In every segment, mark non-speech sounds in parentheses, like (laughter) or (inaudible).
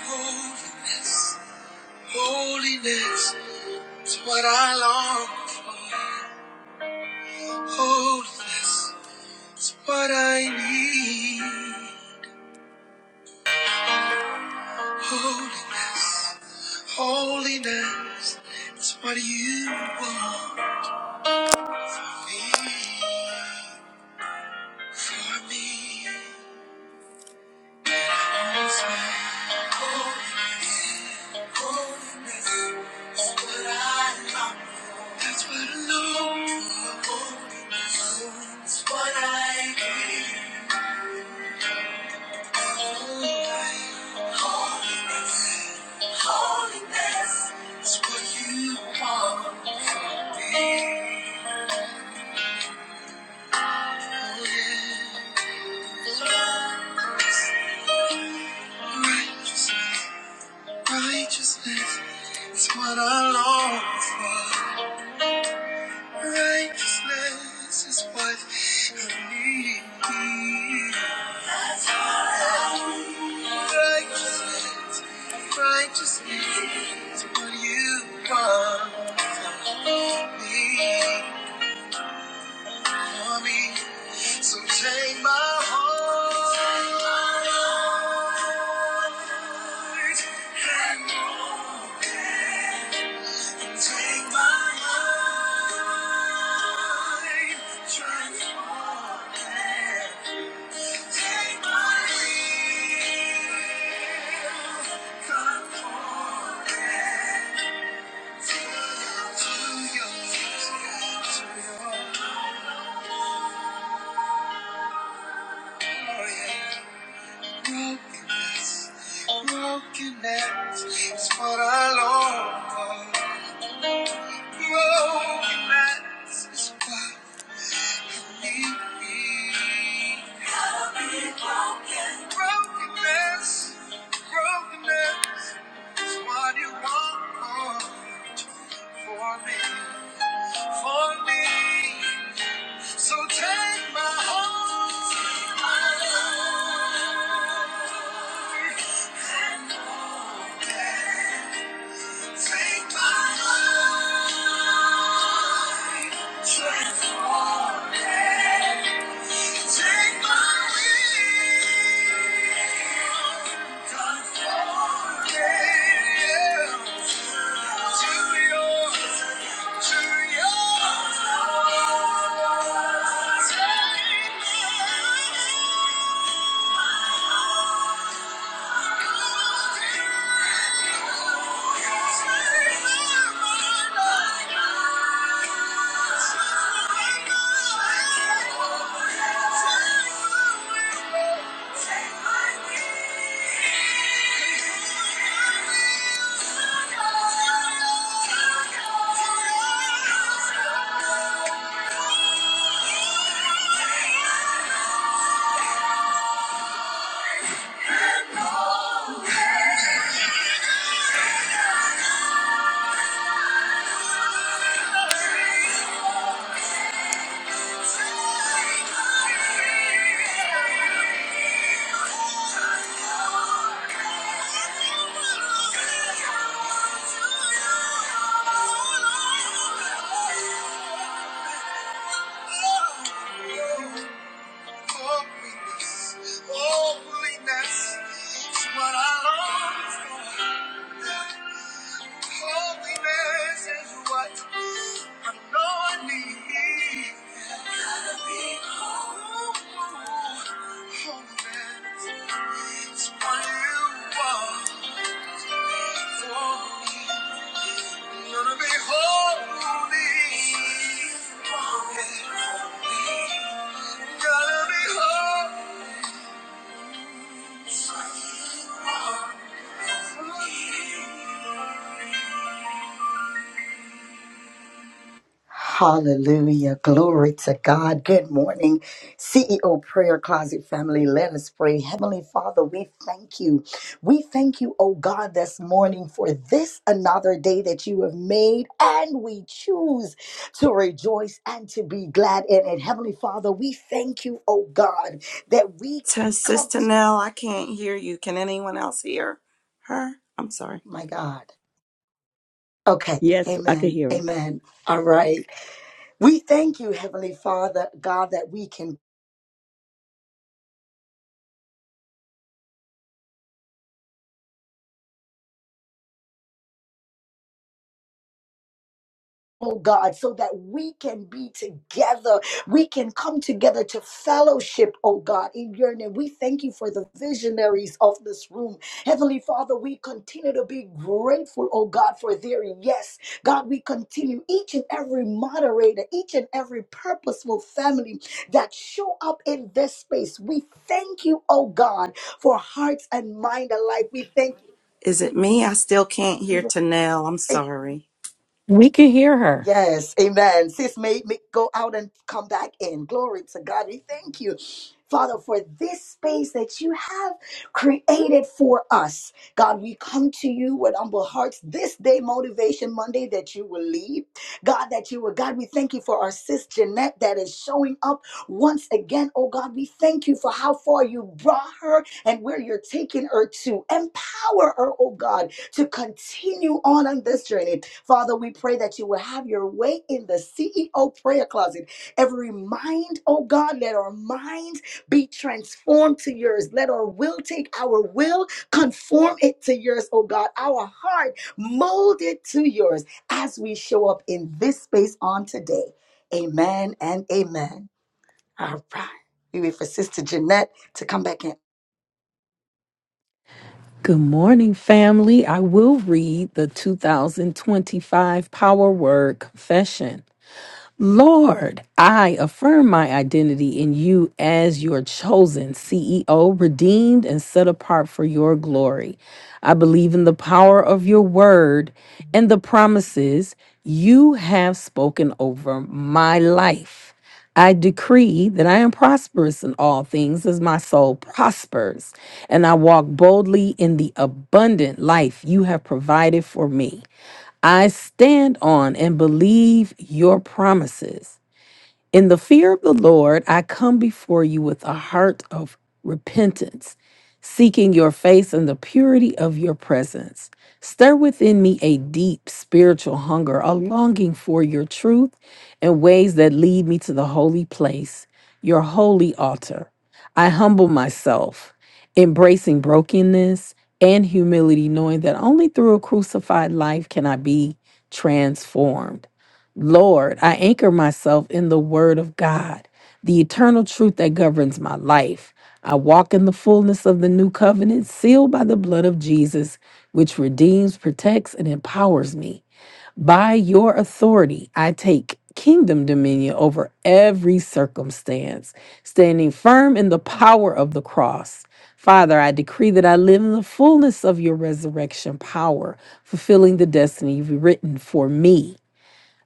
Holiness, holiness is what I long for. Holiness is what I need. Holiness, holiness is what you want for me, for me. Righteousness is what I long for. Righteousness is what I need. Righteousness, righteousness is what you want for me, for me. So take my heart. and mold it. Take my mind, transform it. Take my will, conform it to your, to your, to your, to your brokenness. Brokenness is what I long for. Brokenness is what Brokenness, brokenness is what you want for me, for me. So take my heart. and open Take my life, transform it. Take my will, conform it to yours, to yours. Take my life, Oh! (laughs) Holiness is what I long for. Holiness is what I know I need. Gotta be whole. Holiness is what you want for me. Gonna be holy. Gotta be holy. Hallelujah. Glory to God. Good morning, CEO Prayer Closet family. Let us pray. Heavenly Father, we thank you. We thank you, oh God, this morning for this another day that you have made, and we choose to rejoice and to be glad in it. Heavenly Father, we thank you, oh God, that we can To come Sister to Nell, I can't hear you. Can anyone else hear her? I'm sorry. my God. Okay. Yes, I can Amen. hear her. Amen. All right. We thank you, Heavenly Father, God, that we can Oh God, so that we can be together. We can come together to fellowship, oh God, in your name. We thank you for the visionaries of this room. Heavenly Father, we continue to be grateful, oh God, for their yes. God, we continue each and every moderator, each and every purposeful family that show up in this space. We thank you, oh God, for hearts and mind alike. We thank Is it me? I still can't hear you. Tanel. I'm Even sorry. We can hear her. Yes, amen. Sis may, may go out and come back in. Glory to God. We thank you, Father, for this space that you have created for us. God, we come to you with humble hearts this day, Motivation Monday, that you will lead. God, that you will. God, we thank you for our sis Jeanette that is showing up once again. Oh God, we thank you for how far you brought her and where you're taking her to. Empower her, oh God, to continue on on this journey Father, we pray that you will have your way in the CEO prayer closet. Every mind, oh God, let our minds be transformed to yours. Let our will take our will, conform it to yours, oh God. Our heart, mold it to yours as we show up in this space on today. Amen and amen. All right. We wait for Sister Jeanette to come back in. Good morning, family. I will read the 2025 Power Word Confession. Lord, I affirm my identity in you as your chosen CEO, redeemed and set apart for your glory. I believe in the power of your word and the promises you have spoken over my life. I decree that I am prosperous in all things as my soul prospers, and I walk boldly in the abundant life you have provided for me. I stand on and believe your promises. In the fear of the Lord, I come before you with a heart of repentance, seeking your face and the purity of your presence. Stir within me a deep spiritual hunger, a longing for your truth and ways that lead me to the holy place, your holy altar. I humble myself, embracing brokenness and humility, knowing that only through a crucified life can I be transformed. Lord, I anchor myself in the Word of God, the eternal truth that governs my life. I walk in the fullness of the new covenant, sealed by the blood of Jesus, which redeems, protects, and empowers me. By your authority, I take kingdom dominion over every circumstance, standing firm in the power of the cross. Father, I decree that I live in the fullness of your resurrection power, fulfilling the destiny you've written for me.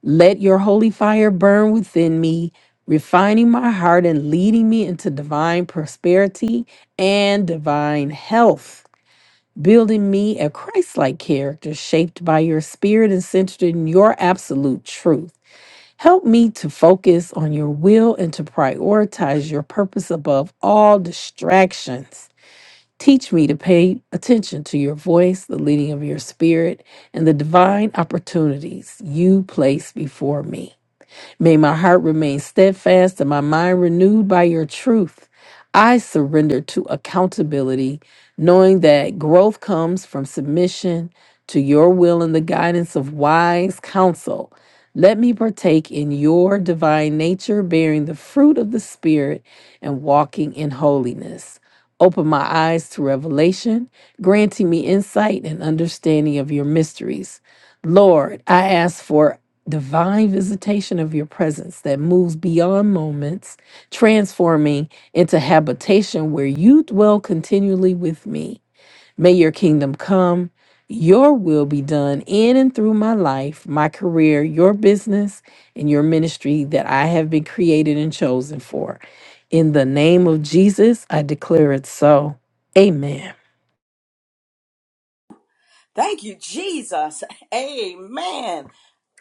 Let your holy fire burn within me, refining my heart and leading me into divine prosperity and divine health, building me a Christ like character shaped by your spirit and centered in your absolute truth. Help me to focus on your will and to prioritize your purpose above all distractions. Teach me to pay attention to your voice, the leading of your spirit, and the divine opportunities you place before me. May my heart remain steadfast and my mind renewed by your truth. I surrender to accountability, knowing that growth comes from submission to your will and the guidance of wise counsel. Let me partake in your divine nature, bearing the fruit of the Spirit and walking in holiness. Open my eyes to revelation, granting me insight and understanding of your mysteries. Lord, I ask for divine visitation of your presence that moves beyond moments, transforming into habitation where you dwell continually with me. May your kingdom come, your will be done in and through my life, my career, your business, and your ministry that I have been created and chosen for. In the name of Jesus, I declare it so. Amen. Thank you, Jesus. Amen.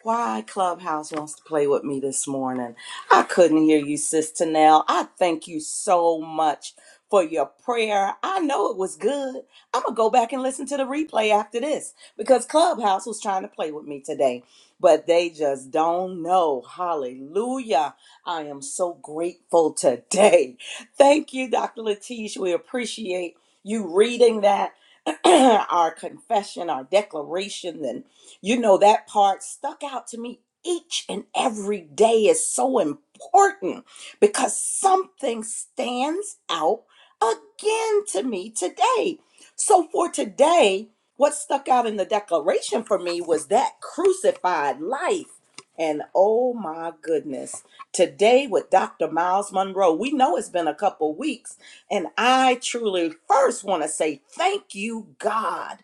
Why Clubhouse wants to play with me this morning. I couldn't hear you, Sister Nell. I thank you so much for your prayer. I know it was good. I'm going to go back and listen to the replay after this because Clubhouse was trying to play with me today, but they just don't know. Hallelujah. I am so grateful today. Thank you, Dr. Latish. We appreciate you reading that (clears throat) our confession, our declaration, and you know that part stuck out to me each and every day is so important because something stands out again to me today. So for today, what stuck out in the declaration for me was that crucified life. And oh my goodness, today with Dr. Miles Monroe, we know it's been a couple weeks and I truly first want to say thank you, God,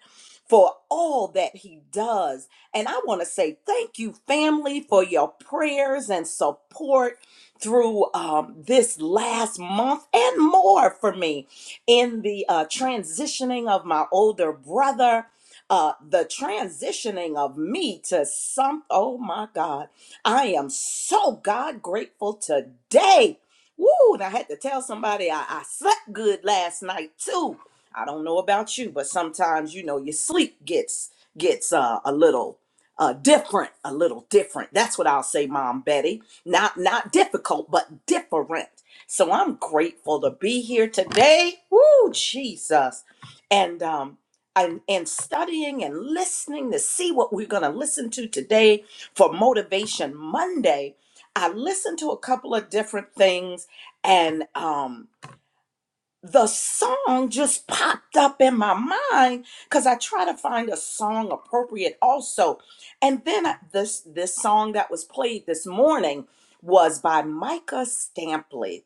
for all that He does. And I want to say thank you, family, for your prayers and support through um, this last month and more for me in the uh, transitioning of my older brother. Uh, the transitioning of me to some, oh my God, I am so God grateful today Woo! And I had to tell somebody I, I slept good last night too. I don't know about you, but sometimes you know your sleep gets gets uh, a little uh, different, a little different. That's what I'll say, Mom Betty. Not not difficult, but different. So I'm grateful to be here today. Woo, Jesus! And um, and and studying and listening to see what we're gonna listen to today for Motivation Monday. I listened to a couple of different things and um the song just popped up in my mind because i try to find a song appropriate also and then I- this this song that was played this morning was by micah stampley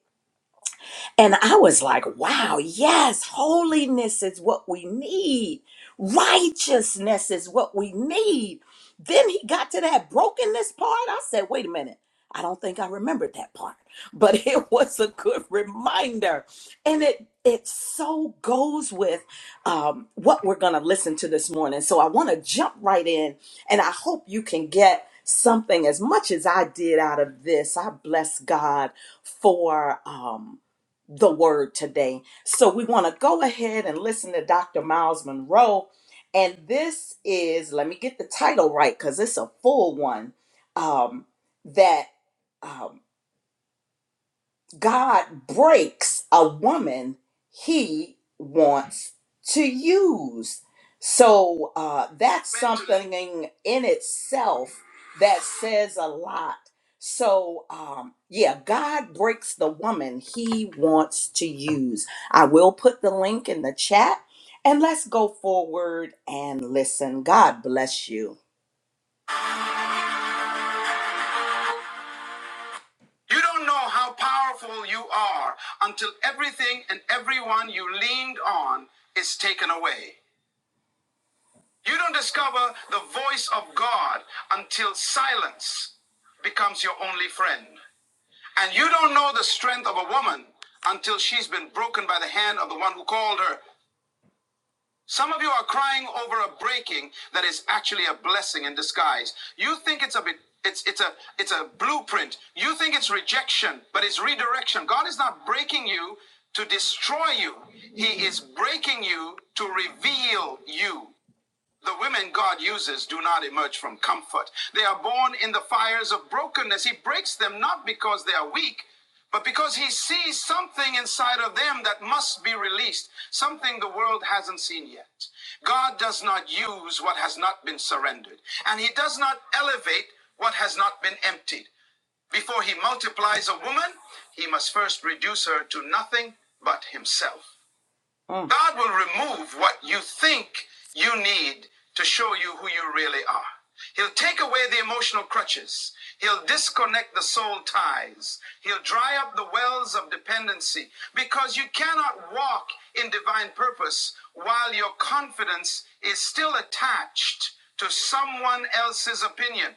and I was like, wow, yes, holiness is what we need. Righteousness is what we need. Then he got to that brokenness part. I said, wait a minute. I don't think I remembered that part, but (laughs) it was a good reminder. And it it so goes with um, what we're going to listen to this morning. So I want to jump right in, and I hope you can get something as much as I did out of this. I bless God for. um, the word today. So we want to go ahead and listen to Dr. Miles Monroe. And this is, let me get the title right because it's a full one um, that um, God breaks a woman he wants to use. So uh, that's something in in itself that says a lot. So, um, yeah, God breaks the woman he wants to use. I will put the link in the chat and let's go forward and listen. God bless you. You don't know how powerful you are until everything and everyone you leaned on is taken away. You don't discover the voice of God until silence becomes your only friend. And you don't know the strength of a woman until she's been broken by the hand of the one who called her Some of you are crying over a breaking that is actually a blessing in disguise. You think it's a bit it's it's a it's a blueprint. You think it's rejection, but it's redirection. God is not breaking you to destroy you. He is breaking you to reveal you. The women God uses do not emerge from comfort. They are born in the fires of brokenness. He breaks them not because they are weak, but because He sees something inside of them that must be released, something the world hasn't seen yet. God does not use what has not been surrendered, and He does not elevate what has not been emptied. Before He multiplies a woman, He must first reduce her to nothing but Himself. Mm. God will remove what you think you need to show you who you really are. He'll take away the emotional crutches. He'll disconnect the soul ties. He'll dry up the wells of dependency because you cannot walk in divine purpose while your confidence is still attached to someone else's opinion.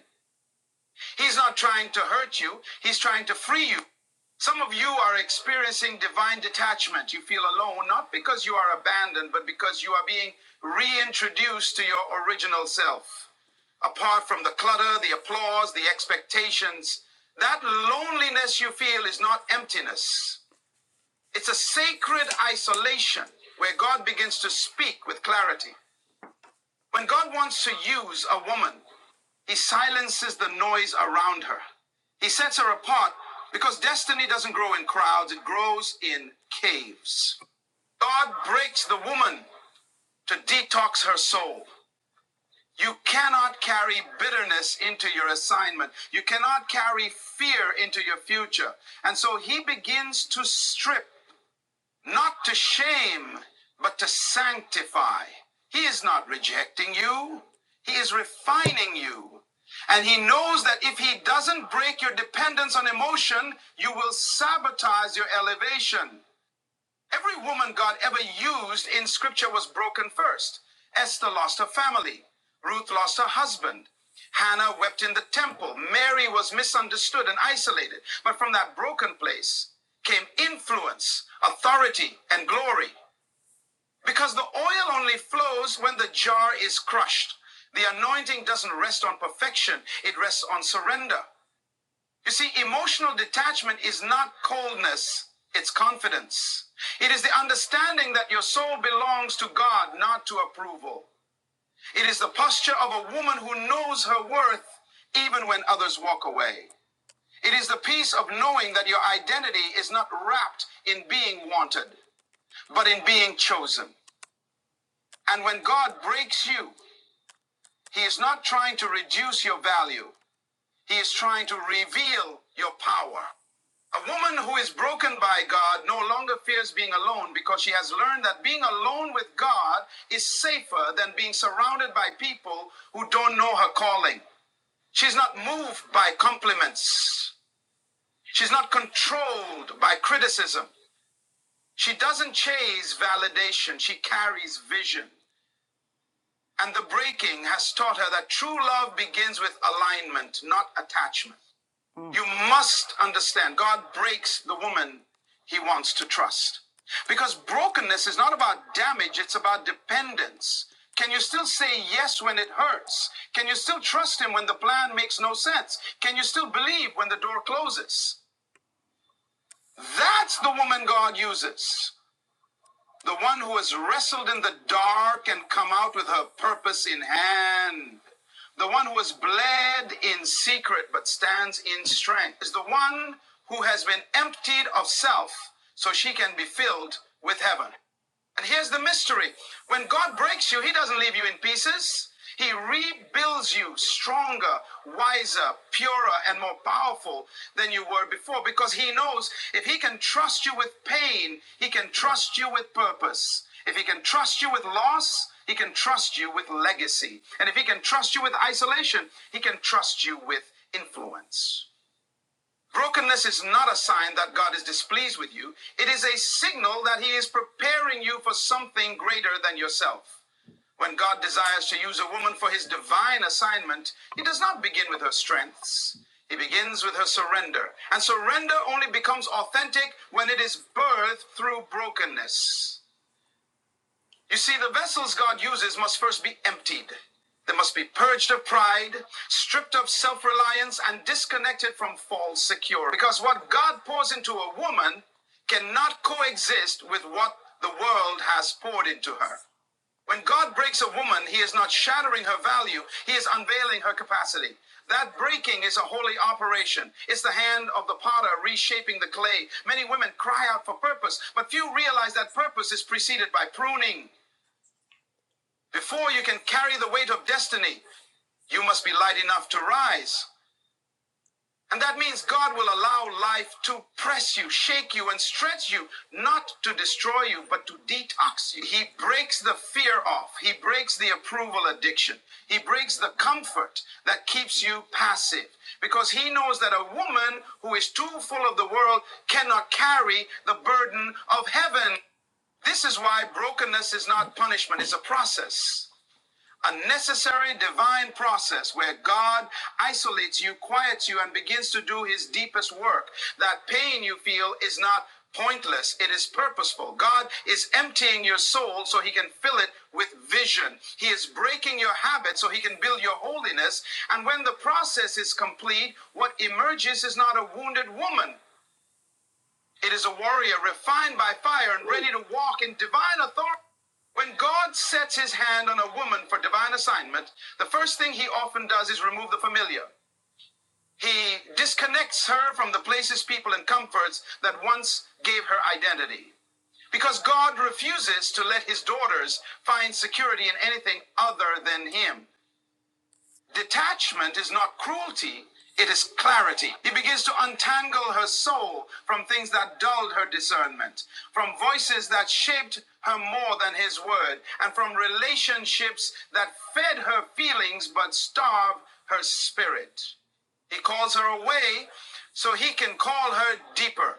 He's not trying to hurt you, he's trying to free you. Some of you are experiencing divine detachment. You feel alone, not because you are abandoned, but because you are being reintroduced to your original self. Apart from the clutter, the applause, the expectations, that loneliness you feel is not emptiness. It's a sacred isolation where God begins to speak with clarity. When God wants to use a woman, he silences the noise around her. He sets her apart because destiny doesn't grow in crowds, it grows in caves. God breaks the woman to detox her soul. You cannot carry bitterness into your assignment. You cannot carry fear into your future. And so he begins to strip not to shame, but to sanctify. He is not rejecting you, He is refining you. And He knows that if He doesn't break your dependence on emotion, you will sabotage your elevation. Every woman God ever used in scripture was broken first. Esther lost her family. Ruth lost her husband. Hannah wept in the temple. Mary was misunderstood and isolated. But from that broken place came influence, authority, and glory. Because the oil only flows when the jar is crushed. The anointing doesn't rest on perfection, it rests on surrender. You see, emotional detachment is not coldness, it's confidence. It is the understanding that your soul belongs to God, not to approval. It is the posture of a woman who knows her worth even when others walk away. It is the peace of knowing that your identity is not wrapped in being wanted, but in being chosen. And when God breaks you, He is not trying to reduce your value, He is trying to reveal your power. A woman who is broken by God no longer fears being alone because she has learned that being alone with God is safer than being surrounded by people who don't know her calling. She's not moved by compliments. She's not controlled by criticism. She doesn't chase validation. She carries vision. And the breaking has taught her that true love begins with alignment, not attachment. You must understand God breaks the woman he wants to trust. Because brokenness is not about damage, it's about dependence. Can you still say yes when it hurts? Can you still trust him when the plan makes no sense? Can you still believe when the door closes? That's the woman God uses the one who has wrestled in the dark and come out with her purpose in hand, the one who has bled in secret but stands in strength, is the one who has been emptied of self so she can be filled with heaven. And here's the mystery when God breaks you, He doesn't leave you in pieces. He rebuilds you stronger, wiser, purer, and more powerful than you were before because He knows if He can trust you with pain, He can trust you with purpose. If He can trust you with loss, He can trust you with legacy. And if He can trust you with isolation, He can trust you with influence. Brokenness is not a sign that God is displeased with you. It is a signal that He is preparing you for something greater than yourself. When God desires to use a woman for His divine assignment, He does not begin with her strengths. He begins with her surrender. And surrender only becomes authentic when it is birthed through brokenness. You see, the vessels God uses must first be emptied. They must be purged of pride, stripped of self reliance, and disconnected from false security. Because what God pours into a woman cannot coexist with what the world has poured into her. When God breaks a woman, He is not shattering her value, He is unveiling her capacity. That breaking is a holy operation. It's the hand of the potter reshaping the clay. Many women cry out for purpose, but few realize that purpose is preceded by pruning. Before you can carry the weight of destiny, you must be light enough to rise. And that means God will allow life to press you, shake you, and stretch you, not to destroy you, but to detox you. He breaks the fear off. He breaks the approval addiction. He breaks the comfort that keeps you passive. Because he knows that a woman who is too full of the world cannot carry the burden of heaven. This is why brokenness is not punishment, it's a process. A necessary divine process where God isolates you, quiets you, and begins to do his deepest work. That pain you feel is not pointless, it is purposeful. God is emptying your soul so he can fill it with vision. He is breaking your habits so he can build your holiness. And when the process is complete, what emerges is not a wounded woman. It is a warrior refined by fire and ready to walk in divine authority when God sets his hand on a woman for divine assignment, the first thing he often does is remove the familiar. He disconnects her from the places, people, and comforts that once gave her identity. Because God refuses to let his daughters find security in anything other than him. Detachment is not cruelty, it is clarity. He begins to untangle her soul from things that dulled her discernment, from voices that shaped her more than his word, and from relationships that fed her feelings but starved her spirit. He calls her away so he can call her deeper.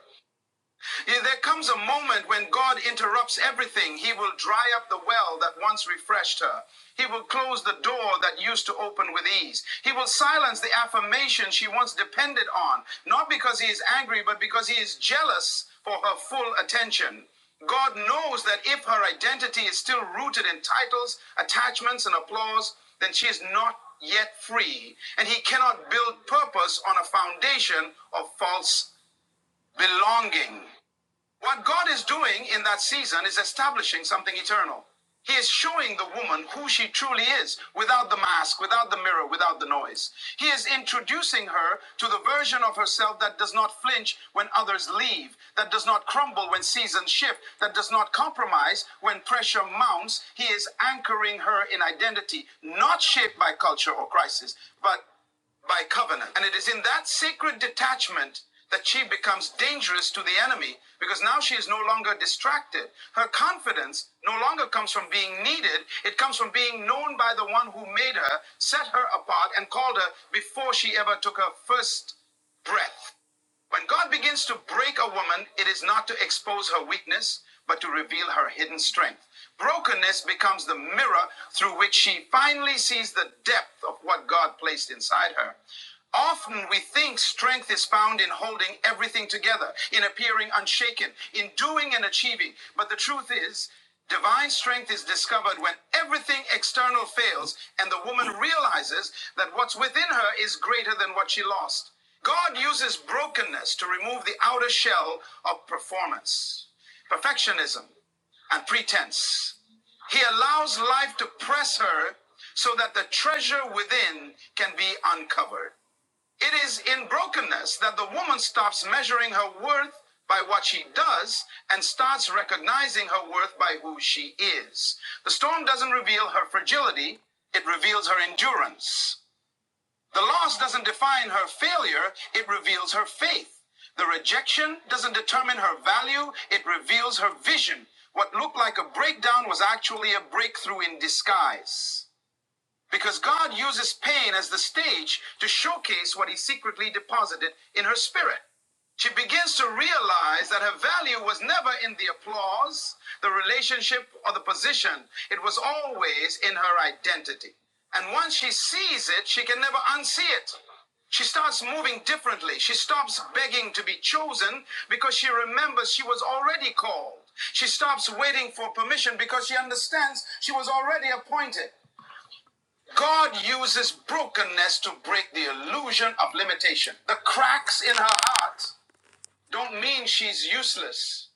Yeah, There comes a moment when God interrupts everything. He will dry up the well that once refreshed her. He will close the door that used to open with ease. He will silence the affirmation she once depended on, not because he is angry, but because he is jealous for her full attention. God knows that if her identity is still rooted in titles, attachments, and applause, then she is not yet free, and he cannot build purpose on a foundation of false belonging. What God is doing in that season is establishing something eternal. He is showing the woman who she truly is without the mask, without the mirror, without the noise. He is introducing her to the version of herself that does not flinch when others leave, that does not crumble when seasons shift, that does not compromise when pressure mounts. He is anchoring her in identity, not shaped by culture or crisis, but by covenant. And it is in that sacred detachment that she becomes dangerous to the enemy because now she is no longer distracted. Her confidence no longer comes from being needed, it comes from being known by the one who made her, set her apart, and called her before she ever took her first breath. When God begins to break a woman, it is not to expose her weakness, but to reveal her hidden strength. Brokenness becomes the mirror through which she finally sees the depth of what God placed inside her. Often we think strength is found in holding everything together, in appearing unshaken, in doing and achieving. But the truth is, divine strength is discovered when everything external fails and the woman realizes that what's within her is greater than what she lost. God uses brokenness to remove the outer shell of performance, perfectionism, and pretense. He allows life to press her so that the treasure within can be uncovered. It is in brokenness that the woman stops measuring her worth by what she does and starts recognizing her worth by who she is. The storm doesn't reveal her fragility, it reveals her endurance. The loss doesn't define her failure, it reveals her faith. The rejection doesn't determine her value, it reveals her vision. What looked like a breakdown was actually a breakthrough in disguise. Because God uses pain as the stage to showcase what He secretly deposited in her spirit. She begins to realize that her value was never in the applause, the relationship, or the position. It was always in her identity. And once she sees it, she can never unsee it. She starts moving differently. She stops begging to be chosen because she remembers she was already called. She stops waiting for permission because she understands she was already appointed. God uses brokenness to break the illusion of limitation. The cracks in her heart don't mean she's useless,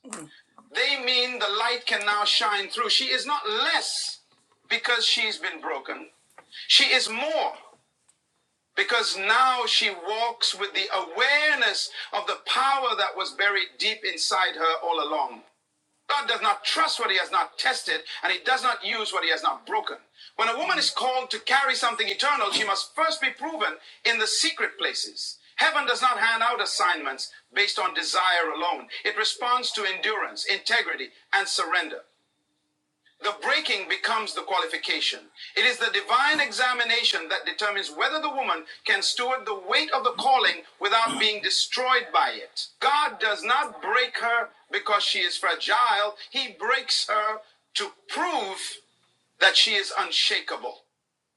they mean the light can now shine through. She is not less because she's been broken, she is more. Because now she walks with the awareness of the power that was buried deep inside her all along. God does not trust what he has not tested, and he does not use what he has not broken. When a woman is called to carry something eternal, she must first be proven in the secret places. Heaven does not hand out assignments based on desire alone. It responds to endurance, integrity, and surrender. The breaking becomes the qualification. It is the divine examination that determines whether the woman can steward the weight of the calling without being destroyed by it. God does not break her because she is fragile, He breaks her to prove that she is unshakable.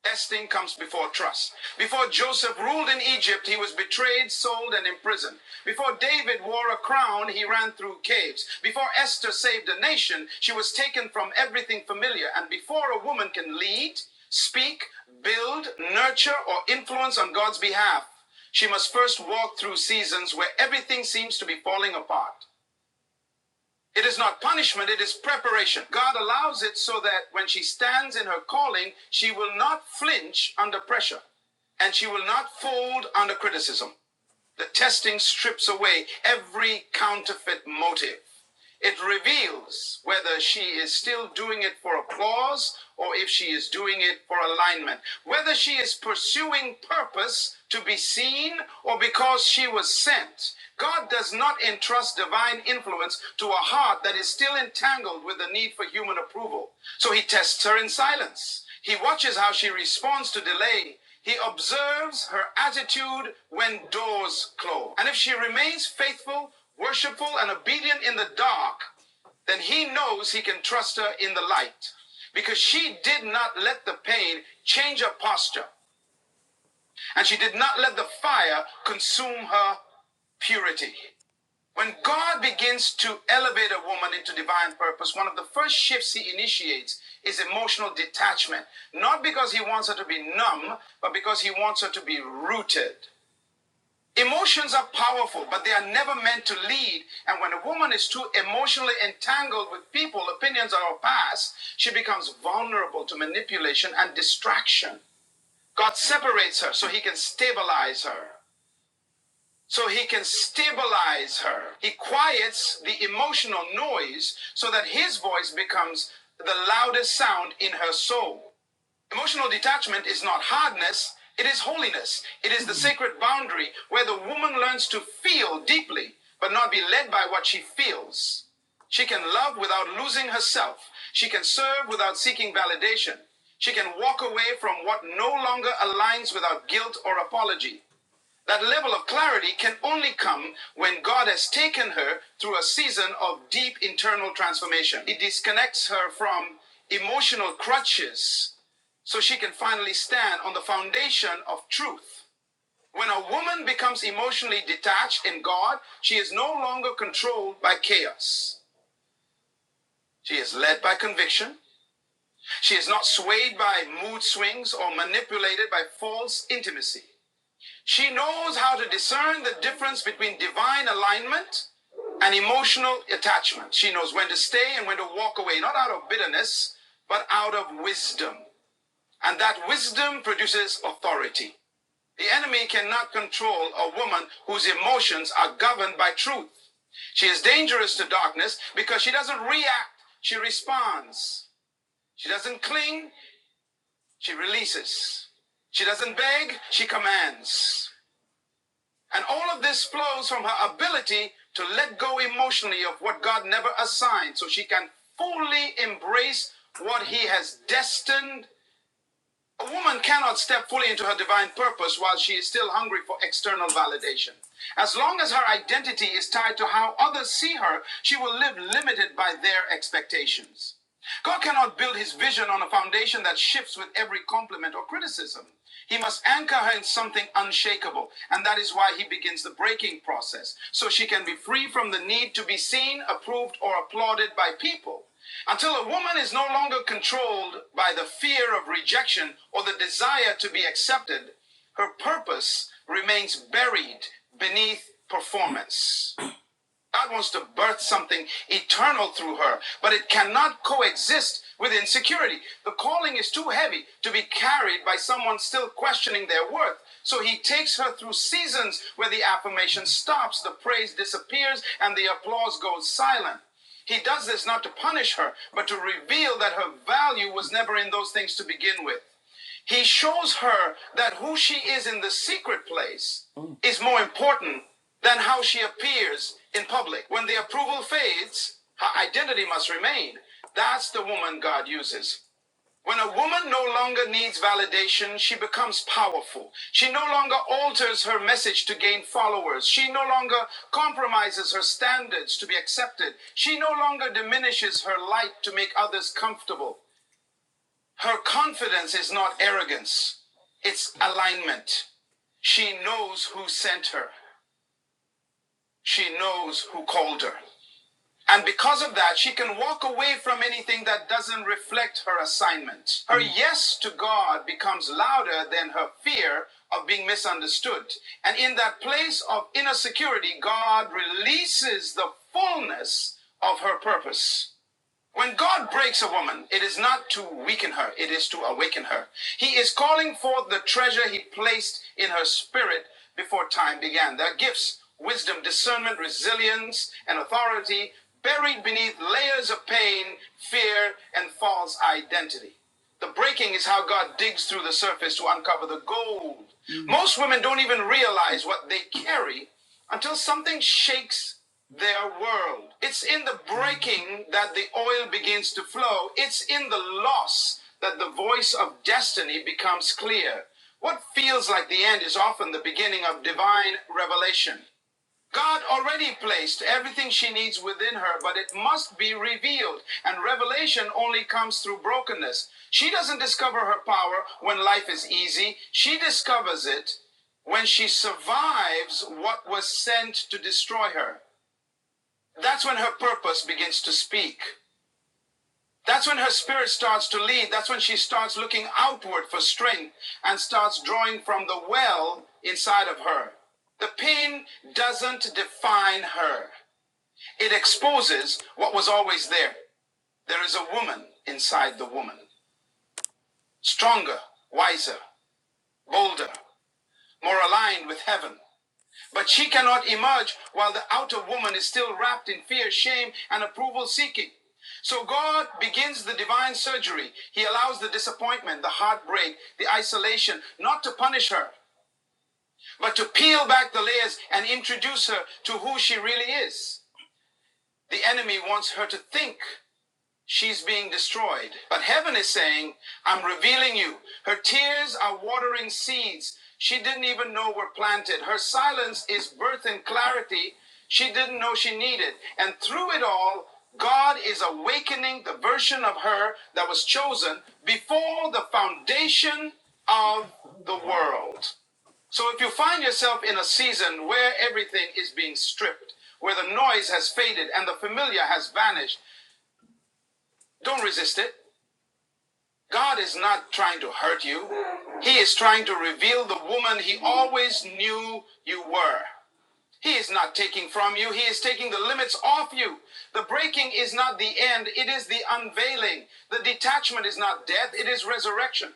Testing comes before trust. Before Joseph ruled in Egypt, he was betrayed, sold, and imprisoned. Before David wore a crown, he ran through caves. Before Esther saved a nation, she was taken from everything familiar. And before a woman can lead, speak, build, nurture, or influence on God's behalf, she must first walk through seasons where everything seems to be falling apart. It is not punishment, it is preparation. God allows it so that when she stands in her calling, she will not flinch under pressure and she will not fold under criticism. The testing strips away every counterfeit motive. It reveals whether she is still doing it for applause or if she is doing it for alignment, whether she is pursuing purpose to be seen or because she was sent. God does not entrust divine influence to a heart that is still entangled with the need for human approval. So he tests her in silence. He watches how she responds to delay he observes her attitude when doors close. And if she remains faithful, worshipful, and obedient in the dark, then he knows he can trust her in the light. Because she did not let the pain change her posture, and she did not let the fire consume her purity. When God begins to elevate a woman into divine purpose, one of the first shifts he initiates is emotional detachment. Not because he wants her to be numb, but because he wants her to be rooted. Emotions are powerful, but they are never meant to lead. And when a woman is too emotionally entangled with people, opinions, or her past, she becomes vulnerable to manipulation and distraction. God separates her so he can stabilize her so he can stabilize her. He quiets the emotional noise so that his voice becomes the loudest sound in her soul. Emotional detachment is not hardness, it is holiness. It is the sacred boundary where the woman learns to feel deeply, but not be led by what she feels. She can love without losing herself. She can serve without seeking validation. She can walk away from what no longer aligns without guilt or apology. That level of clarity can only come when God has taken her through a season of deep internal transformation. It disconnects her from emotional crutches so she can finally stand on the foundation of truth. When a woman becomes emotionally detached in God, she is no longer controlled by chaos. She is led by conviction. She is not swayed by mood swings or manipulated by false intimacy. She knows how to discern the difference between divine alignment and emotional attachment. She knows when to stay and when to walk away, not out of bitterness, but out of wisdom. And that wisdom produces authority. The enemy cannot control a woman whose emotions are governed by truth. She is dangerous to darkness because she doesn't react, she responds. She doesn't cling, she releases. She doesn't beg, she commands. And all of this flows from her ability to let go emotionally of what God never assigned so she can fully embrace what He has destined a woman cannot step fully into her divine purpose while she is still hungry for external validation. As long as her identity is tied to how others see her, she will live limited by their expectations. God cannot build his vision on a foundation that shifts with every compliment or criticism. He must anchor her in something unshakable, and that is why he begins the breaking process, so she can be free from the need to be seen, approved, or applauded by people. Until a woman is no longer controlled by the fear of rejection or the desire to be accepted, her purpose remains buried beneath performance. God wants to birth something eternal through her, but it cannot coexist with insecurity. The calling is too heavy to be carried by someone still questioning their worth. So he takes her through seasons where the affirmation stops, the praise disappears, and the applause goes silent. He does this not to punish her, but to reveal that her value was never in those things to begin with. He shows her that who she is in the secret place Mm. is more important than how she appears in public. When the approval fades, her identity must remain. That's the woman God uses. When a woman no longer needs validation, she becomes powerful. She no longer alters her message to gain followers. She no longer compromises her standards to be accepted. She no longer diminishes her light to make others comfortable. Her confidence is not arrogance, it's alignment. She knows who sent her, she knows who called her. And because of that, she can walk away from anything that doesn't reflect her assignment. Her yes to God becomes louder than her fear of being misunderstood. And in that place of inner security, God releases the fullness of her purpose. When God breaks a woman, it is not to weaken her, it is to awaken her. He is calling forth the treasure he placed in her spirit before time began. Their gifts, wisdom, discernment, resilience, and authority buried beneath layers of pain, fear, and false identity. The breaking is how God digs through the surface to uncover the gold. Mhm. Most women don't even realize what they carry until something shakes their world. It's in the breaking that the oil begins to flow, it's in the loss that the voice of destiny becomes clear. What feels like the end is often the beginning of divine revelation. God already placed everything she needs within her, but it must be revealed. And revelation only comes through brokenness. She doesn't discover her power when life is easy, she discovers it when she survives what was sent to destroy her. That's when her purpose begins to speak. That's when her spirit starts to lead. That's when she starts looking outward for strength and starts drawing from the well inside of her. The pain doesn't define her. It exposes what was always there. There is a woman inside the woman, stronger, wiser, bolder, more aligned with heaven. But she cannot emerge while the outer woman is still wrapped in fear, shame, and approval seeking. So God begins the divine surgery. He allows the disappointment, the heartbreak, the isolation, not to punish her, but to peel back the layers and introduce her to who she really is. The enemy wants her to think She's being destroyed. But heaven is saying, I'm revealing you. Her tears are watering seeds she didn't even know were planted. Her silence is birth and clarity she didn't know she needed. And through it all, God is awakening the version of her that was chosen before the foundation of the world. So if you find yourself in a season where everything is being stripped, where the noise has faded and the familiar has vanished, don't resist it. God is not trying to hurt you. He is trying to reveal the woman he always knew you were. He is not taking from you, He is taking the limits off you. The breaking is not the end, it is the unveiling. The detachment is not death, it is resurrection.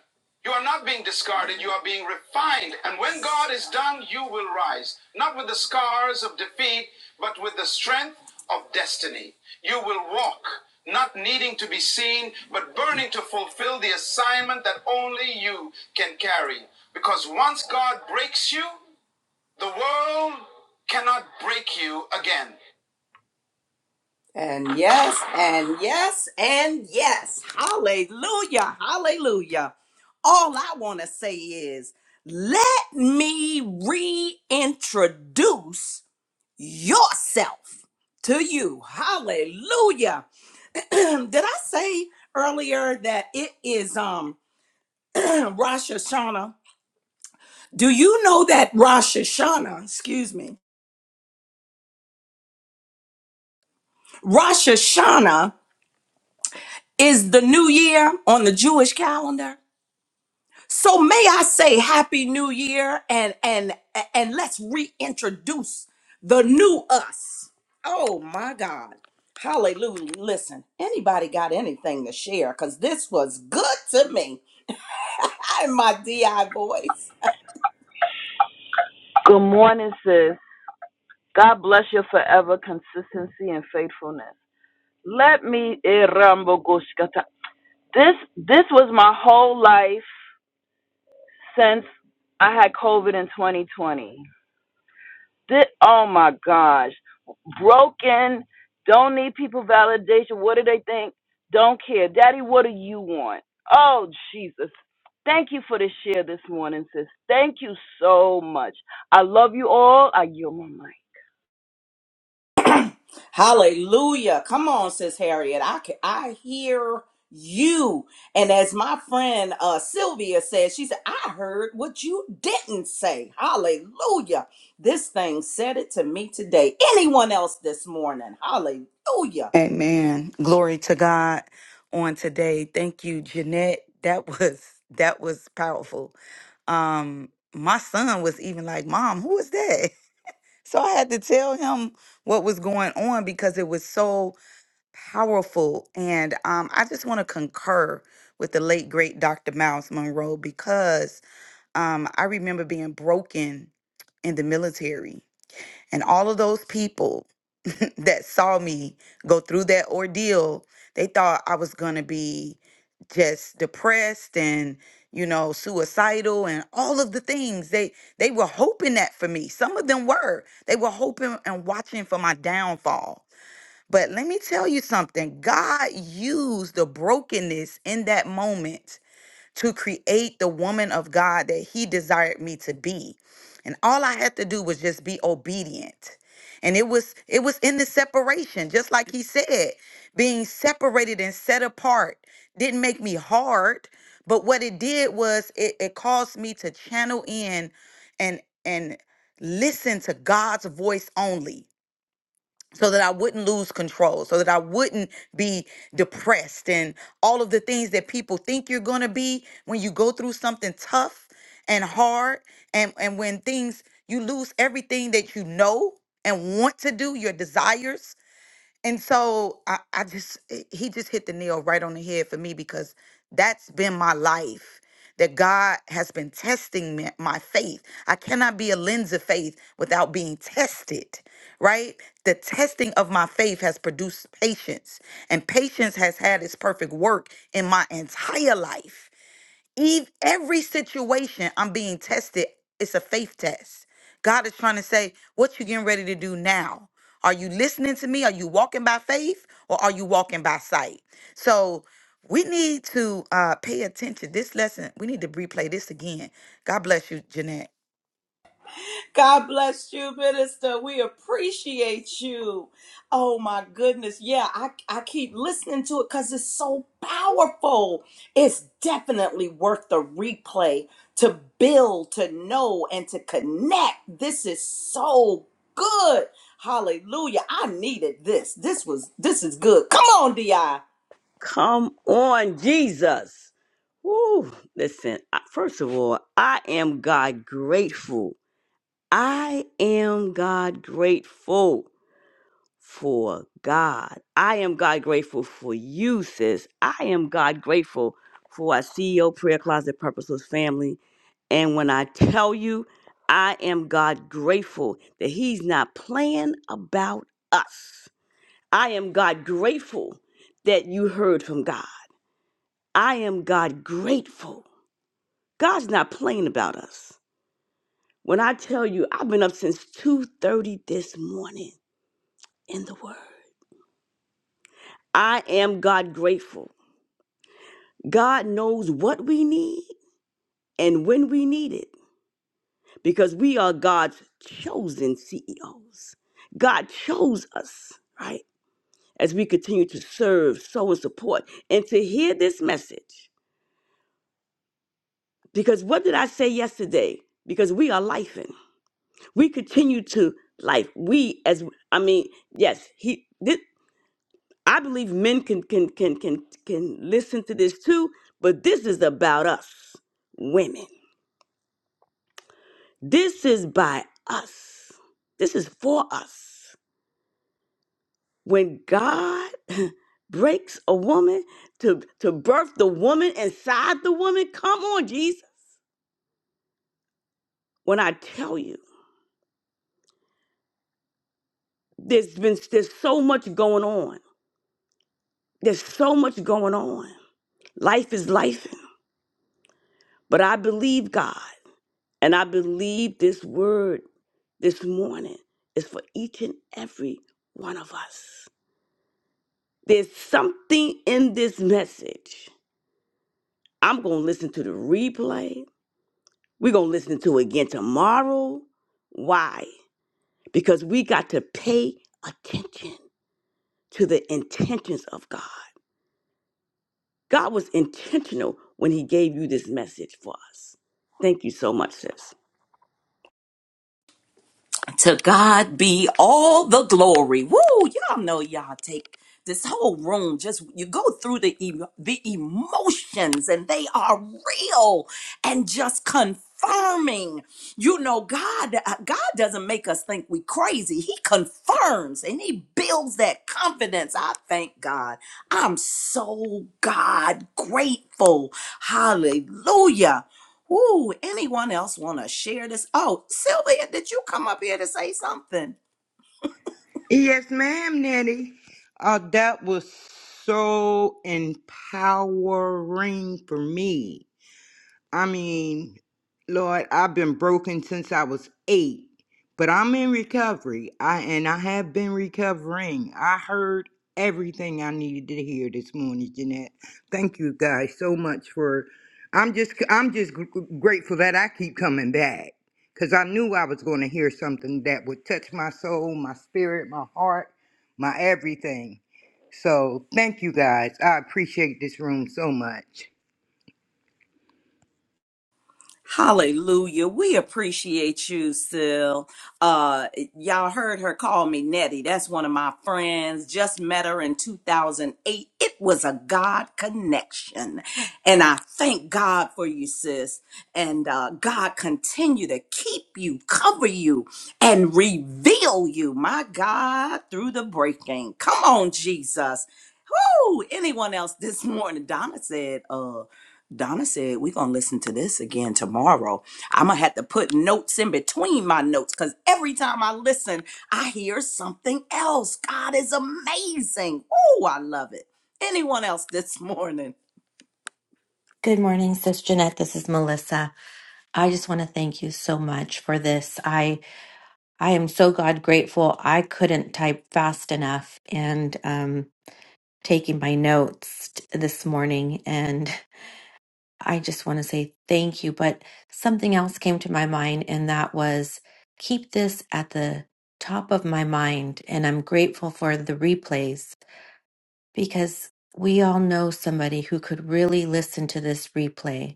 You are not being discarded, you are being refined. And when God is done, you will rise, not with the scars of defeat, but with the strength of destiny. You will walk, not needing to be seen, but burning to fulfill the assignment that only you can carry. Because once God breaks you, the world cannot break you again. And yes, and yes, and yes. Hallelujah. Hallelujah. All I want to say is let me reintroduce yourself to you. Hallelujah. (clears throat) Did I say earlier that it is um (clears throat) Rosh Hashanah? Do you know that Rosh Hashanah, excuse me, Rosh Hashanah is the new year on the Jewish calendar. So may I say happy new year and and and let's reintroduce the new us. Oh my God. Hallelujah. Listen, anybody got anything to share? Because this was good to me. (laughs) I'm my DI voice. Good morning, sis. God bless your forever consistency and faithfulness. Let me eh, Rambo Goshkata. this this was my whole life since I had COVID in 2020. This, oh my gosh, broken. Don't need people validation. What do they think? Don't care, Daddy. What do you want? Oh Jesus. Thank you for the share this morning, sis. Thank you so much. I love you all. I yield my mic. Hallelujah. Come on, Sis Harriet. I can, I hear you. And as my friend uh, Sylvia said, she said, I heard what you didn't say. Hallelujah. This thing said it to me today. Anyone else this morning? Hallelujah. Amen. Glory to God on today. Thank you, Jeanette. That (laughs) was that was powerful. Um, my son was even like, Mom, who is that? (laughs) So I had to tell him what was going on because it was so powerful. And um, I just want to concur with the late great Dr. Miles Monroe because um, I remember being broken in the military. And all of those people that saw me go through that ordeal, they thought I was going to be just depressed and you know suicidal and all of the things they they were hoping that for me some of them were they were hoping and watching for my downfall but let me tell you something god used the brokenness in that moment to create the woman of God that He desired me to be. And all I had to do was just be obedient. And it was it was in the separation, just like he said, being separated and set apart didn't make me hard, but what it did was it, it caused me to channel in and and listen to God's voice only so that I wouldn't lose control, so that I wouldn't be depressed and all of the things that people think you're going to be when you go through something tough and hard and and when things you lose everything that you know and want to do, your desires and so I, I just, it- he just hit the nail right on the head for me because that's been my life. That God has been testing me, my faith. I cannot be a lens of faith without being tested, right? The testing of my faith has produced patience, and patience has had its perfect work in my entire life. Eve, every situation I'm being tested, it's a faith test. God is trying to say, what you getting ready to do now? Are you listening to me? Are you walking by faith or are you walking by sight? So we need to uh, pay attention. This lesson, we need to replay this again. God bless you, Jeanette. God bless you, minister. We appreciate you. Oh my goodness. Yeah, I, I keep listening to it because it's so powerful. It's definitely worth the replay to build, to know, and to connect. This is so good. Hallelujah. I needed this. This was this is good. Come on, DI. Come on, Jesus. Woo. Listen, I- first of all, I am God grateful. I am God grateful for God. I am God grateful for you, sis. I am God grateful for our CEO Prayer Closet Purposeless family. And when I tell you, I am God grateful that He's not playing about us. I am God grateful that you heard from God. I am God grateful. God's not playing about us. When I tell you I've been up since 2:30 this morning in the word. I am God grateful. God knows what we need and when we need it because we are God's chosen CEOs. God chose us, right? As we continue to serve, sow and support and to hear this message Because what did I say yesterday? Because we are lifing. We continue to life. We as I mean, yes, he this, I believe men can can can can can listen to this too, but this is about us, women. This is by us. This is for us. When God (laughs) breaks a woman to to birth the woman inside the woman, come on, Jesus. When I tell you, there's been there's so much going on There's so much going on. Life is life. But I believe God. And I believe this word this morning is for each and every one of us. There's something in this message. I'm going to listen to the replay. We're going to listen to it again tomorrow. Why? Because we got to pay attention to the intentions of God. God was intentional when He gave you this message for us. Thank you so much, sis. To God be all the glory. Woo! Y'all know y'all take this whole room. Just you go through the em the emotions, and they are real and just confirming. You know, God uh, God doesn't make us think we crazy. He confirms and He builds that confidence. I thank God. I'm so God grateful. Hallelujah. Ooh, anyone else want to share this? Oh, Sylvia, did you come up here to say something? Yes, ma'am, Nettie. Uh, that was so empowering for me. I mean, Lord, I've been broken since I was eight, but I'm in recovery. I and I have been recovering. I heard everything I needed to hear this morning, Jeanette. Thank you guys so much for. I'm just I'm just gr- grateful that I keep coming back because I knew I was going to hear something that would touch my soul, my spirit, my heart, my everything. So thank you guys. I appreciate this room so much. Hallelujah. We appreciate you, Sil. Uh, y'all heard her call me Nettie. That's one of my friends. Just met her in 2008. It was a God connection. And I thank God for you, sis. And uh, God continue to keep you, cover you, and reveal you, my God, through the breaking. Come on, Jesus. Woo! Anyone else this (laughs) morning? Donna said, uh. Donna said, We're going to listen to this again tomorrow. I'm going to have to put notes in between my notes because every time I listen, I hear something else. God is amazing. Oh, I love it. Anyone else this (laughs) morning? Good morning, Sis Jeanette. This is Melissa. I just want to thank you so much for this. I I am so God grateful. I couldn't type fast enough and um, taking my notes t- this morning, and (laughs) I just want to say thank you. But something else came to my mind, and that was keep this at the top of my mind. And I'm grateful for the replays because we all know somebody who could really listen to this replay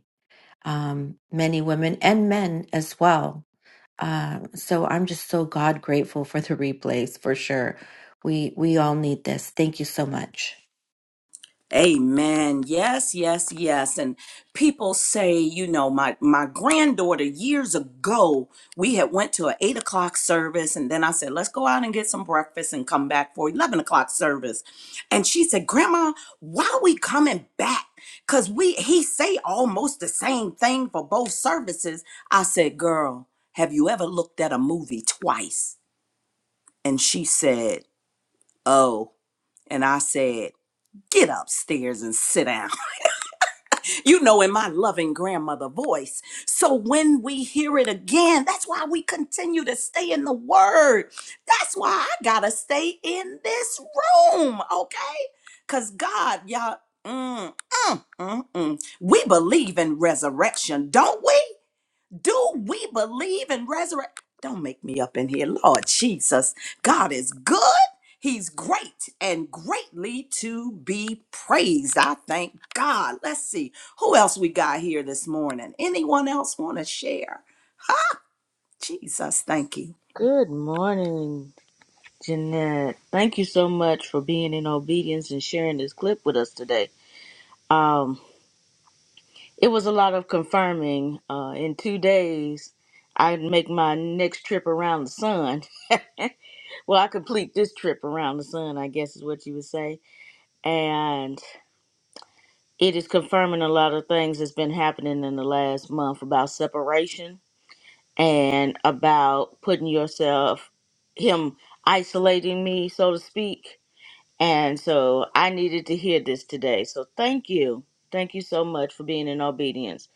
um, many women and men as well. Um, so I'm just so God grateful for the replays for sure. We we all need this. Thank you so much. Amen. Yes, yes, yes. And people say, you know, my my granddaughter years ago, we had went to an eight o'clock service, and then I said, let's go out and get some breakfast and come back for eleven o'clock service. And she said, Grandma, why we coming back? Cause we he say almost the same thing for both services. I said, Girl, have you ever looked at a movie twice? And she said, Oh. And I said, Get upstairs and sit down. you know, in my loving grandmother voice. So when we hear it again, that's why we continue to stay in the word. That's why I gotta stay in this room, okay? Because God, y'all, mm, mm, mm. we believe in resurrection, don't we? Do we believe in resurrection? Don't make me up in here. Lord Jesus, God is good. He's great and greatly to be praised. I thank God. Let's see who else we got here this morning. Anyone else want to share? Jesus, thank you. Good morning, Jeanette. Thank you so much for being in obedience and sharing this clip with us today. Um, it was a lot of confirming. Uh, in two days, I make my next trip around the sun. (laughs) Well, I complete this trip around the sun, I guess is what you would say. And it is confirming a lot of things that's been happening in the last month about separation and about putting yourself, him isolating me, so to speak And so I needed to hear this today. So thank you. Thank you so much for being in obedience.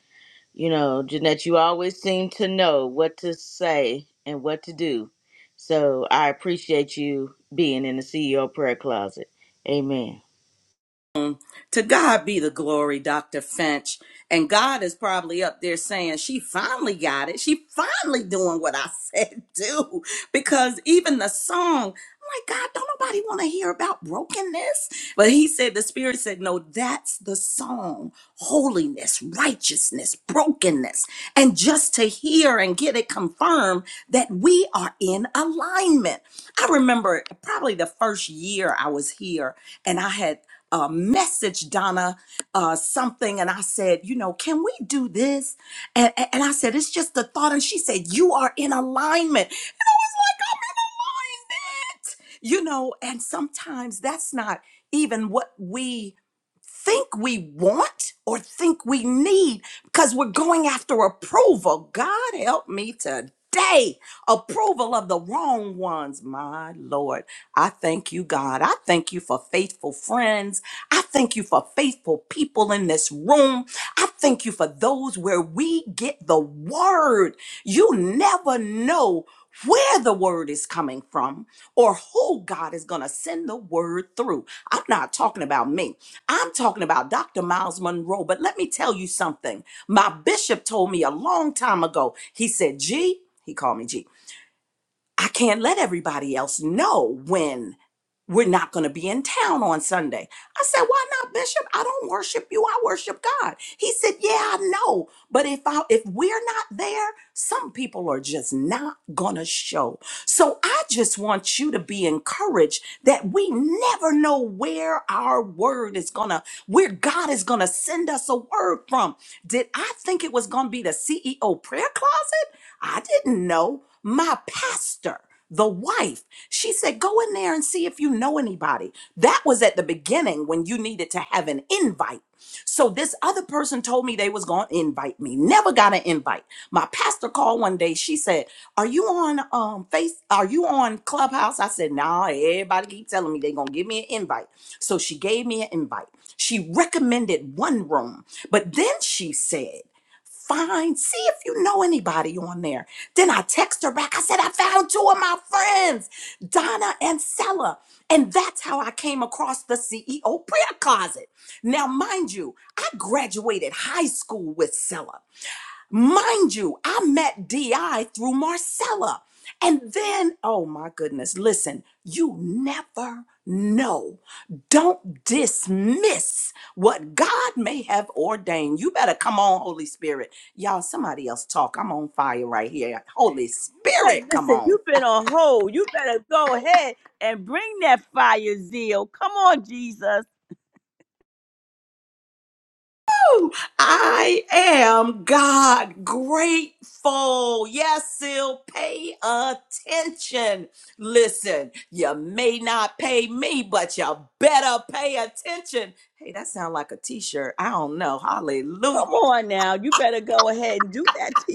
You know, Jeanette, you always seem to know what to say and what to do. So I appreciate you being in the CEO prayer closet. Amen. To God be the glory, Dr. Finch. And God is probably up there saying, She finally got it. She finally doing what I (laughs) said do. Because even the song, I'm like, God, don't nobody want to hear about brokenness. But he said, The Spirit said, No, that's the song holiness, righteousness, brokenness. And just to hear and get it confirmed that we are in alignment. I remember probably the first year I was here and I had uh, message Donna uh, something, and I said, you know, can we do this? And, and and I said, it's just a thought, and she said, you are in alignment. And I was like, I'm in alignment, you know. And sometimes that's not even what we think we want or think we need because we're going after approval. God help me today. Approval of the wrong ones. My Lord, I thank you, God. I thank you for faithful friends. I thank you for faithful people in this room. I thank you for those where we get the word. You never know where the word is coming from or who God is going to send the word through. I'm not talking about me. I'm talking about Dr. Miles Monroe. But let me tell you something. My bishop told me a long time ago. He said, G, he called me G. I can't let everybody else know when we're not going to be in town on Sunday. I said, Why not, Bishop? I don't worship you. I worship God. He said, Yeah, I know. But if I if we're not there, some people are just not gonna show. So I just want you to be encouraged that we never know where our word is gonna, where God is gonna send us a word from. Did I think it was gonna be the CEO prayer closet? I didn't know. My pastor the wife. She said, Go in there and see if you know anybody. That was at the beginning when you needed to have an invite. So this other person told me they was going to invite me. Never got an invite. My pastor called one day. She said, "Are you on um Face? Are you on Clubhouse?" I said, "Nah, everybody keep telling me they going to give me an invite." So she gave me an invite. She recommended one room, but then she said. Find, See if you know anybody on there. Then I text her back. I said, I found two of my friends, Donna and Sella, And that's how I came across the CEO prayer closet. Now, mind you, I graduated high school with Sella. Mind you, I met DI through Marcella. And then, oh my goodness, listen, you never know. Don't dismiss what God may have ordained. You better come on, Holy Spirit. Y'all, somebody else talk. I'm on fire right here. Holy But Spirit, come listen, on. you've been on hold. You better go ahead and bring that fire zeal. Come on, Jesus. I am God grateful. Yes, Sil, pay attention. Listen, you may not pay me, but you better pay attention. Hey, that sounds like a t-shirt. I don't know. Hallelujah. Come on now. You better go ahead and do that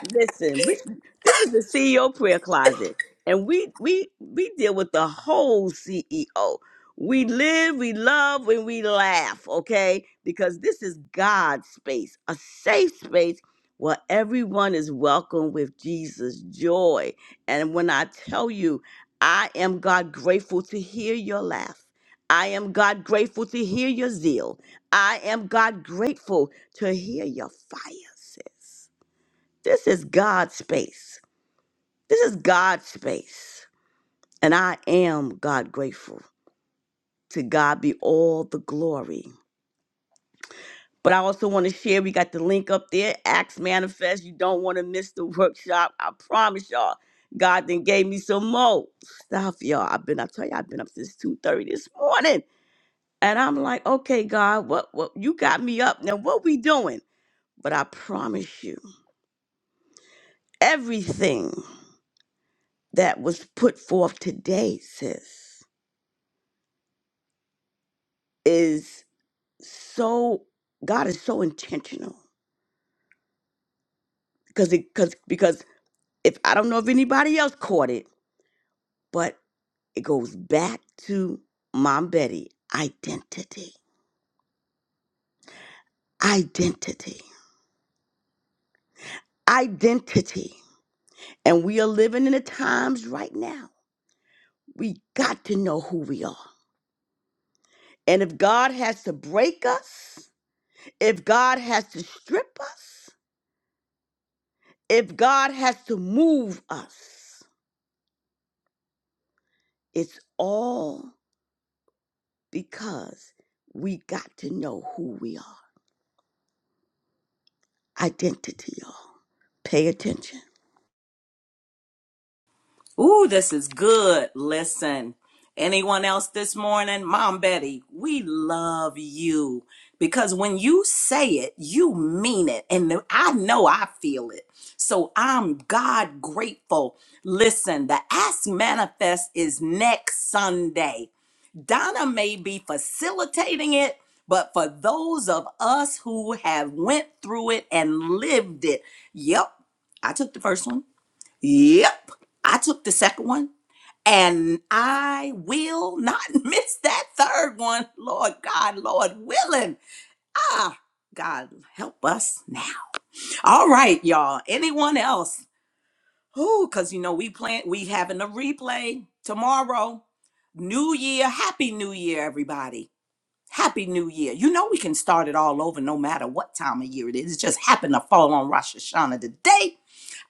Listen, we, this is the CEO prayer closet, and we we we deal with the whole CEO. We live, we love, and we laugh. Okay, because this is God's space, a safe space where everyone is welcome with Jesus' joy. And when I tell you, I am God grateful to hear your laugh. I am God grateful to hear your zeal. I am God grateful to hear your fire, sis. This is God's space. This is God's space. And I am God grateful. To God be all the glory. But I also want to share, we got the link up there, Acts Manifest. You don't want to miss the workshop. I promise y'all. God then gave me some more stuff, y'all. I've been, I tell you, I've been up since 2:30 this morning. And I'm like, okay, God, what what you got me up. Now what we doing? But I promise you, everything that was put forth today, sis. is so God is so intentional because it because because if I don't know if anybody else caught it, but it goes back to Mom Betty identity, identity, identity, and we are living in the times right now. We got to know who we are, and if God has to break us, if God has to strip us, if God has to move us, it's all because we got to know who we are. Identity, y'all. Pay attention. Ooh, this is good. Listen, anyone else this morning? Mom Betty, we love you because when you say it, you mean it. And I know I feel it. So I'm God grateful. Listen, the Ask Manifest is next Sunday. Donna may be facilitating it, but for those of us who have went through it and lived it, yep, I took the first one. Yep. I took the second one and I will not (laughs) miss that third one. Lord God, Lord willing. Ah, God, help us now. All right, y'all. Anyone else? Who? Because you know we plan. We having a replay tomorrow. New Year. Happy New Year, everybody. Happy New Year. You know we can start it all over, no matter what time of year it is. It just happened to fall on Rosh Hashanah today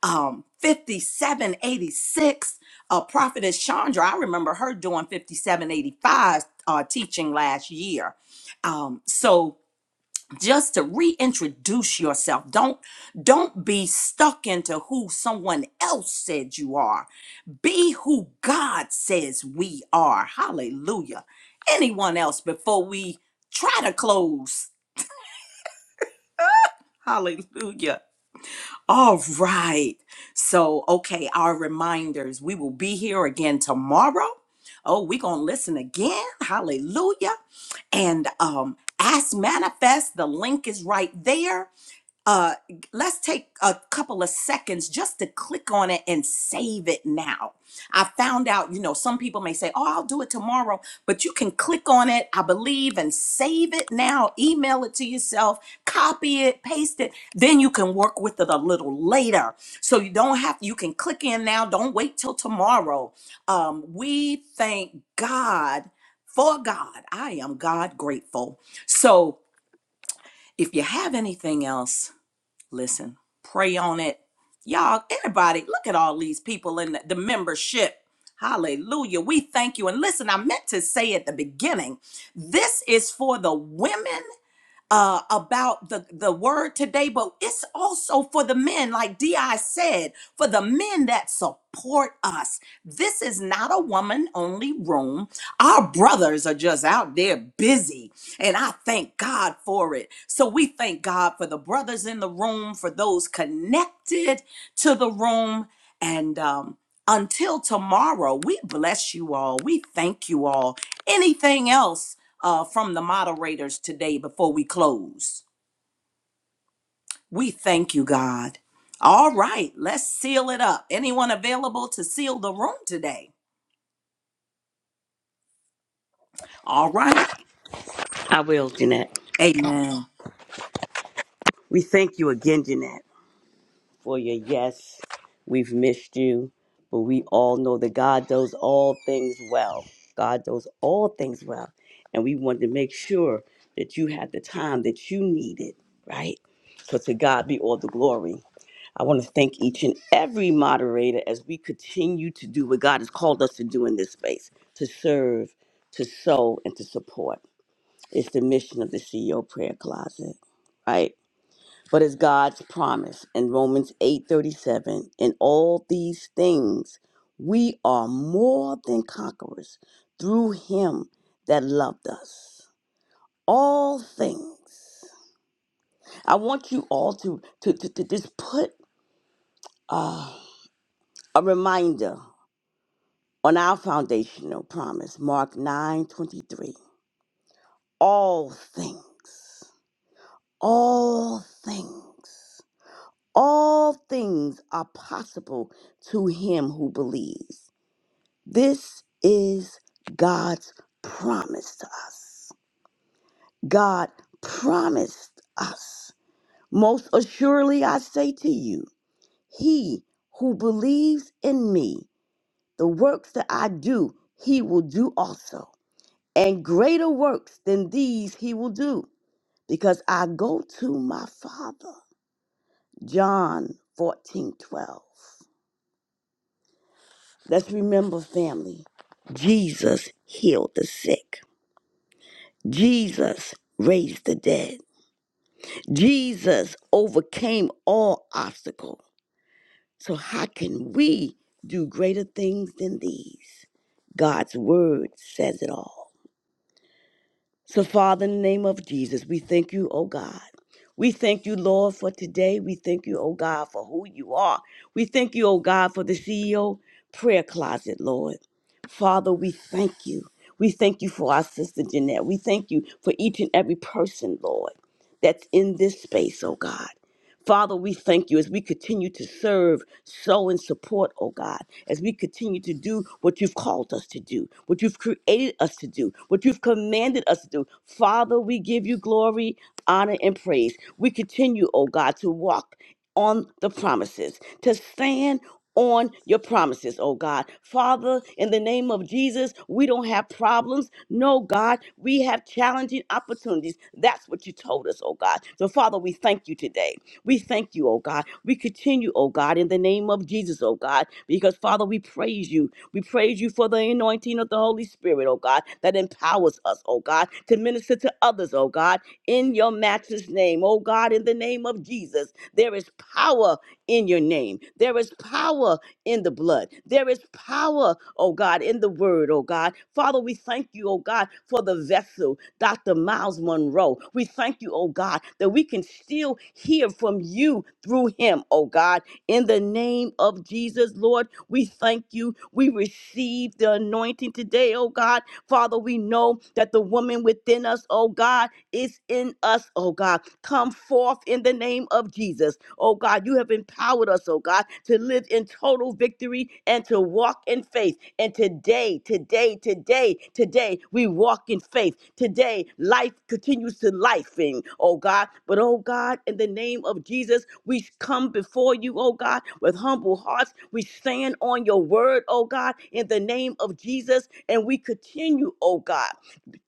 um 5786 uh prophetess chandra i remember her doing 5785 uh teaching last year um so just to reintroduce yourself don't don't be stuck into who someone else said you are be who god says we are hallelujah anyone else before we try to close hallelujah All right. So, okay, our reminders. We will be here again tomorrow. Oh, we're going to listen again. Hallelujah. And um ask manifest, the link is right there uh, let's take a couple of seconds just to click on it and save it now. I found out, you know, some people may say, oh, I'll do it tomorrow, but you can click on it, I believe, and save it now, email it to yourself, copy it, paste it. Then you can work with it a little later. So you don't have, you can click in now, don't wait till tomorrow. Um, we thank God for God. I am God grateful. So if you have anything else, listen, pray on it. Y'all, everybody, look at all these people in the, the membership. Hallelujah. We thank you. And listen, I meant to say at the beginning, this is for the women uh, about the, the word today, but it's also for the men, like DI said, for the men that support us. This is not a woman only room. Our brothers are just out there busy, and I thank God for it. So we thank God for the brothers in the room, for those connected to the room, and um, until tomorrow, we bless you all. We thank you all. Anything else? uh, from the moderators today before we close. We thank you, God. All right, let's seal it up. Anyone available to seal the room today? All right. I will, Jeanette. Amen. We thank you again, Jeanette, for your yes. We've missed you, but we all know that God does all things well. God does all things well. And we wanted to make sure that you had the time that you needed, right? So to God be all the glory. I want to thank each and every moderator as we continue to do what God has called us to do in this space to serve, to sow, and to support. It's the mission of the CEO Prayer Closet, right? But it's God's promise in Romans 8:37, in all these things we are more than conquerors through him that loved us. All things. I want you all to to, to, to just put uh, a reminder on our foundational promise, Mark 9 23. All things, all things, all things are possible to him who believes. This is God's promise to us. God promised us. Most assuredly, I say to you, he who believes in me, the works that I do, he will do also and greater works than these he will do, because I go to my Father. John fourteen twelve. Let's remember, family, Jesus healed the sick, Jesus raised the dead, Jesus overcame all obstacle. So, how can we do greater things than these? God's word says it all. So, Father, in the name of Jesus, we thank you, oh God. We thank you, Lord, for today. We thank you, oh God, for who you are. We thank you, oh God, for the CEO prayer closet, Lord. Father, we thank you. We thank you for our sister Jeanette. We thank you for each and every person, Lord, that's in this space, oh God. Father, we thank you as we continue to serve, sow, and support, oh God, as we continue to do what you've called us to do, what you've created us to do, what you've commanded us to do. Father, we give you glory, honor, and praise. We continue, oh God, to walk on the promises, to stand on your promises, oh God. Father, in the name of Jesus, we don't have problems. No, God, we have challenging opportunities. That's what you told us, oh God. So, Father, we thank you today. We thank you, oh God. We continue, oh God, in the name of Jesus, oh God, because Father, we praise you. We praise you for the anointing of the Holy Spirit, oh God, that empowers us, oh God, to minister to others, oh God, in your matchless name, oh God, in the name of Jesus. There is power in your name. There is power in the blood. There is power, oh God, in the word, oh God. Father, we thank you, oh God, for the vessel. Dr. Miles Monroe. We thank you, oh God, that we can still hear from you through him, oh God. In the name of Jesus, Lord, we thank you. We receive the anointing today, oh God. Father, we know that the woman within us, oh God, is in us, oh God. Come forth in the name of Jesus. Oh God, you have empowered us, oh God, to live in total victory and to walk in faith. And today, today, today, today, we walk in faith. Today, life continues to life, oh God. But oh God, in the name of Jesus, we come before you, oh God, with humble hearts. We stand on your word, oh God, in the name of Jesus, and we continue, oh God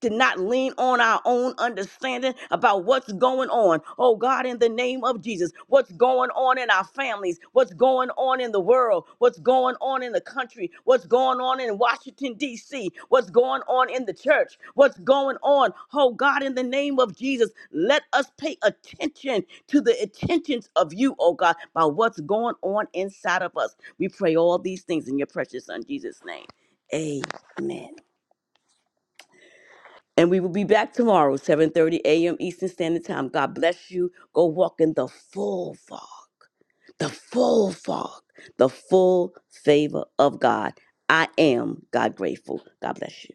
to not lean on our own understanding about what's going on. Oh God, in the name of Jesus, what's going on in our families, what's going on in the world, what's going on in the country, what's going on in Washington, D.C., what's going on in the church, what's going on. Oh God, in the name of Jesus, let us pay attention to the attentions of you, oh God, by what's going on inside of us. We pray all these things in your precious Son, Jesus' name. Amen. And we will be back tomorrow, 7:30 a.m. Eastern Standard Time. God bless you. Go walk in the full fog, the full fog, the full favor of God. I am God grateful. God bless you.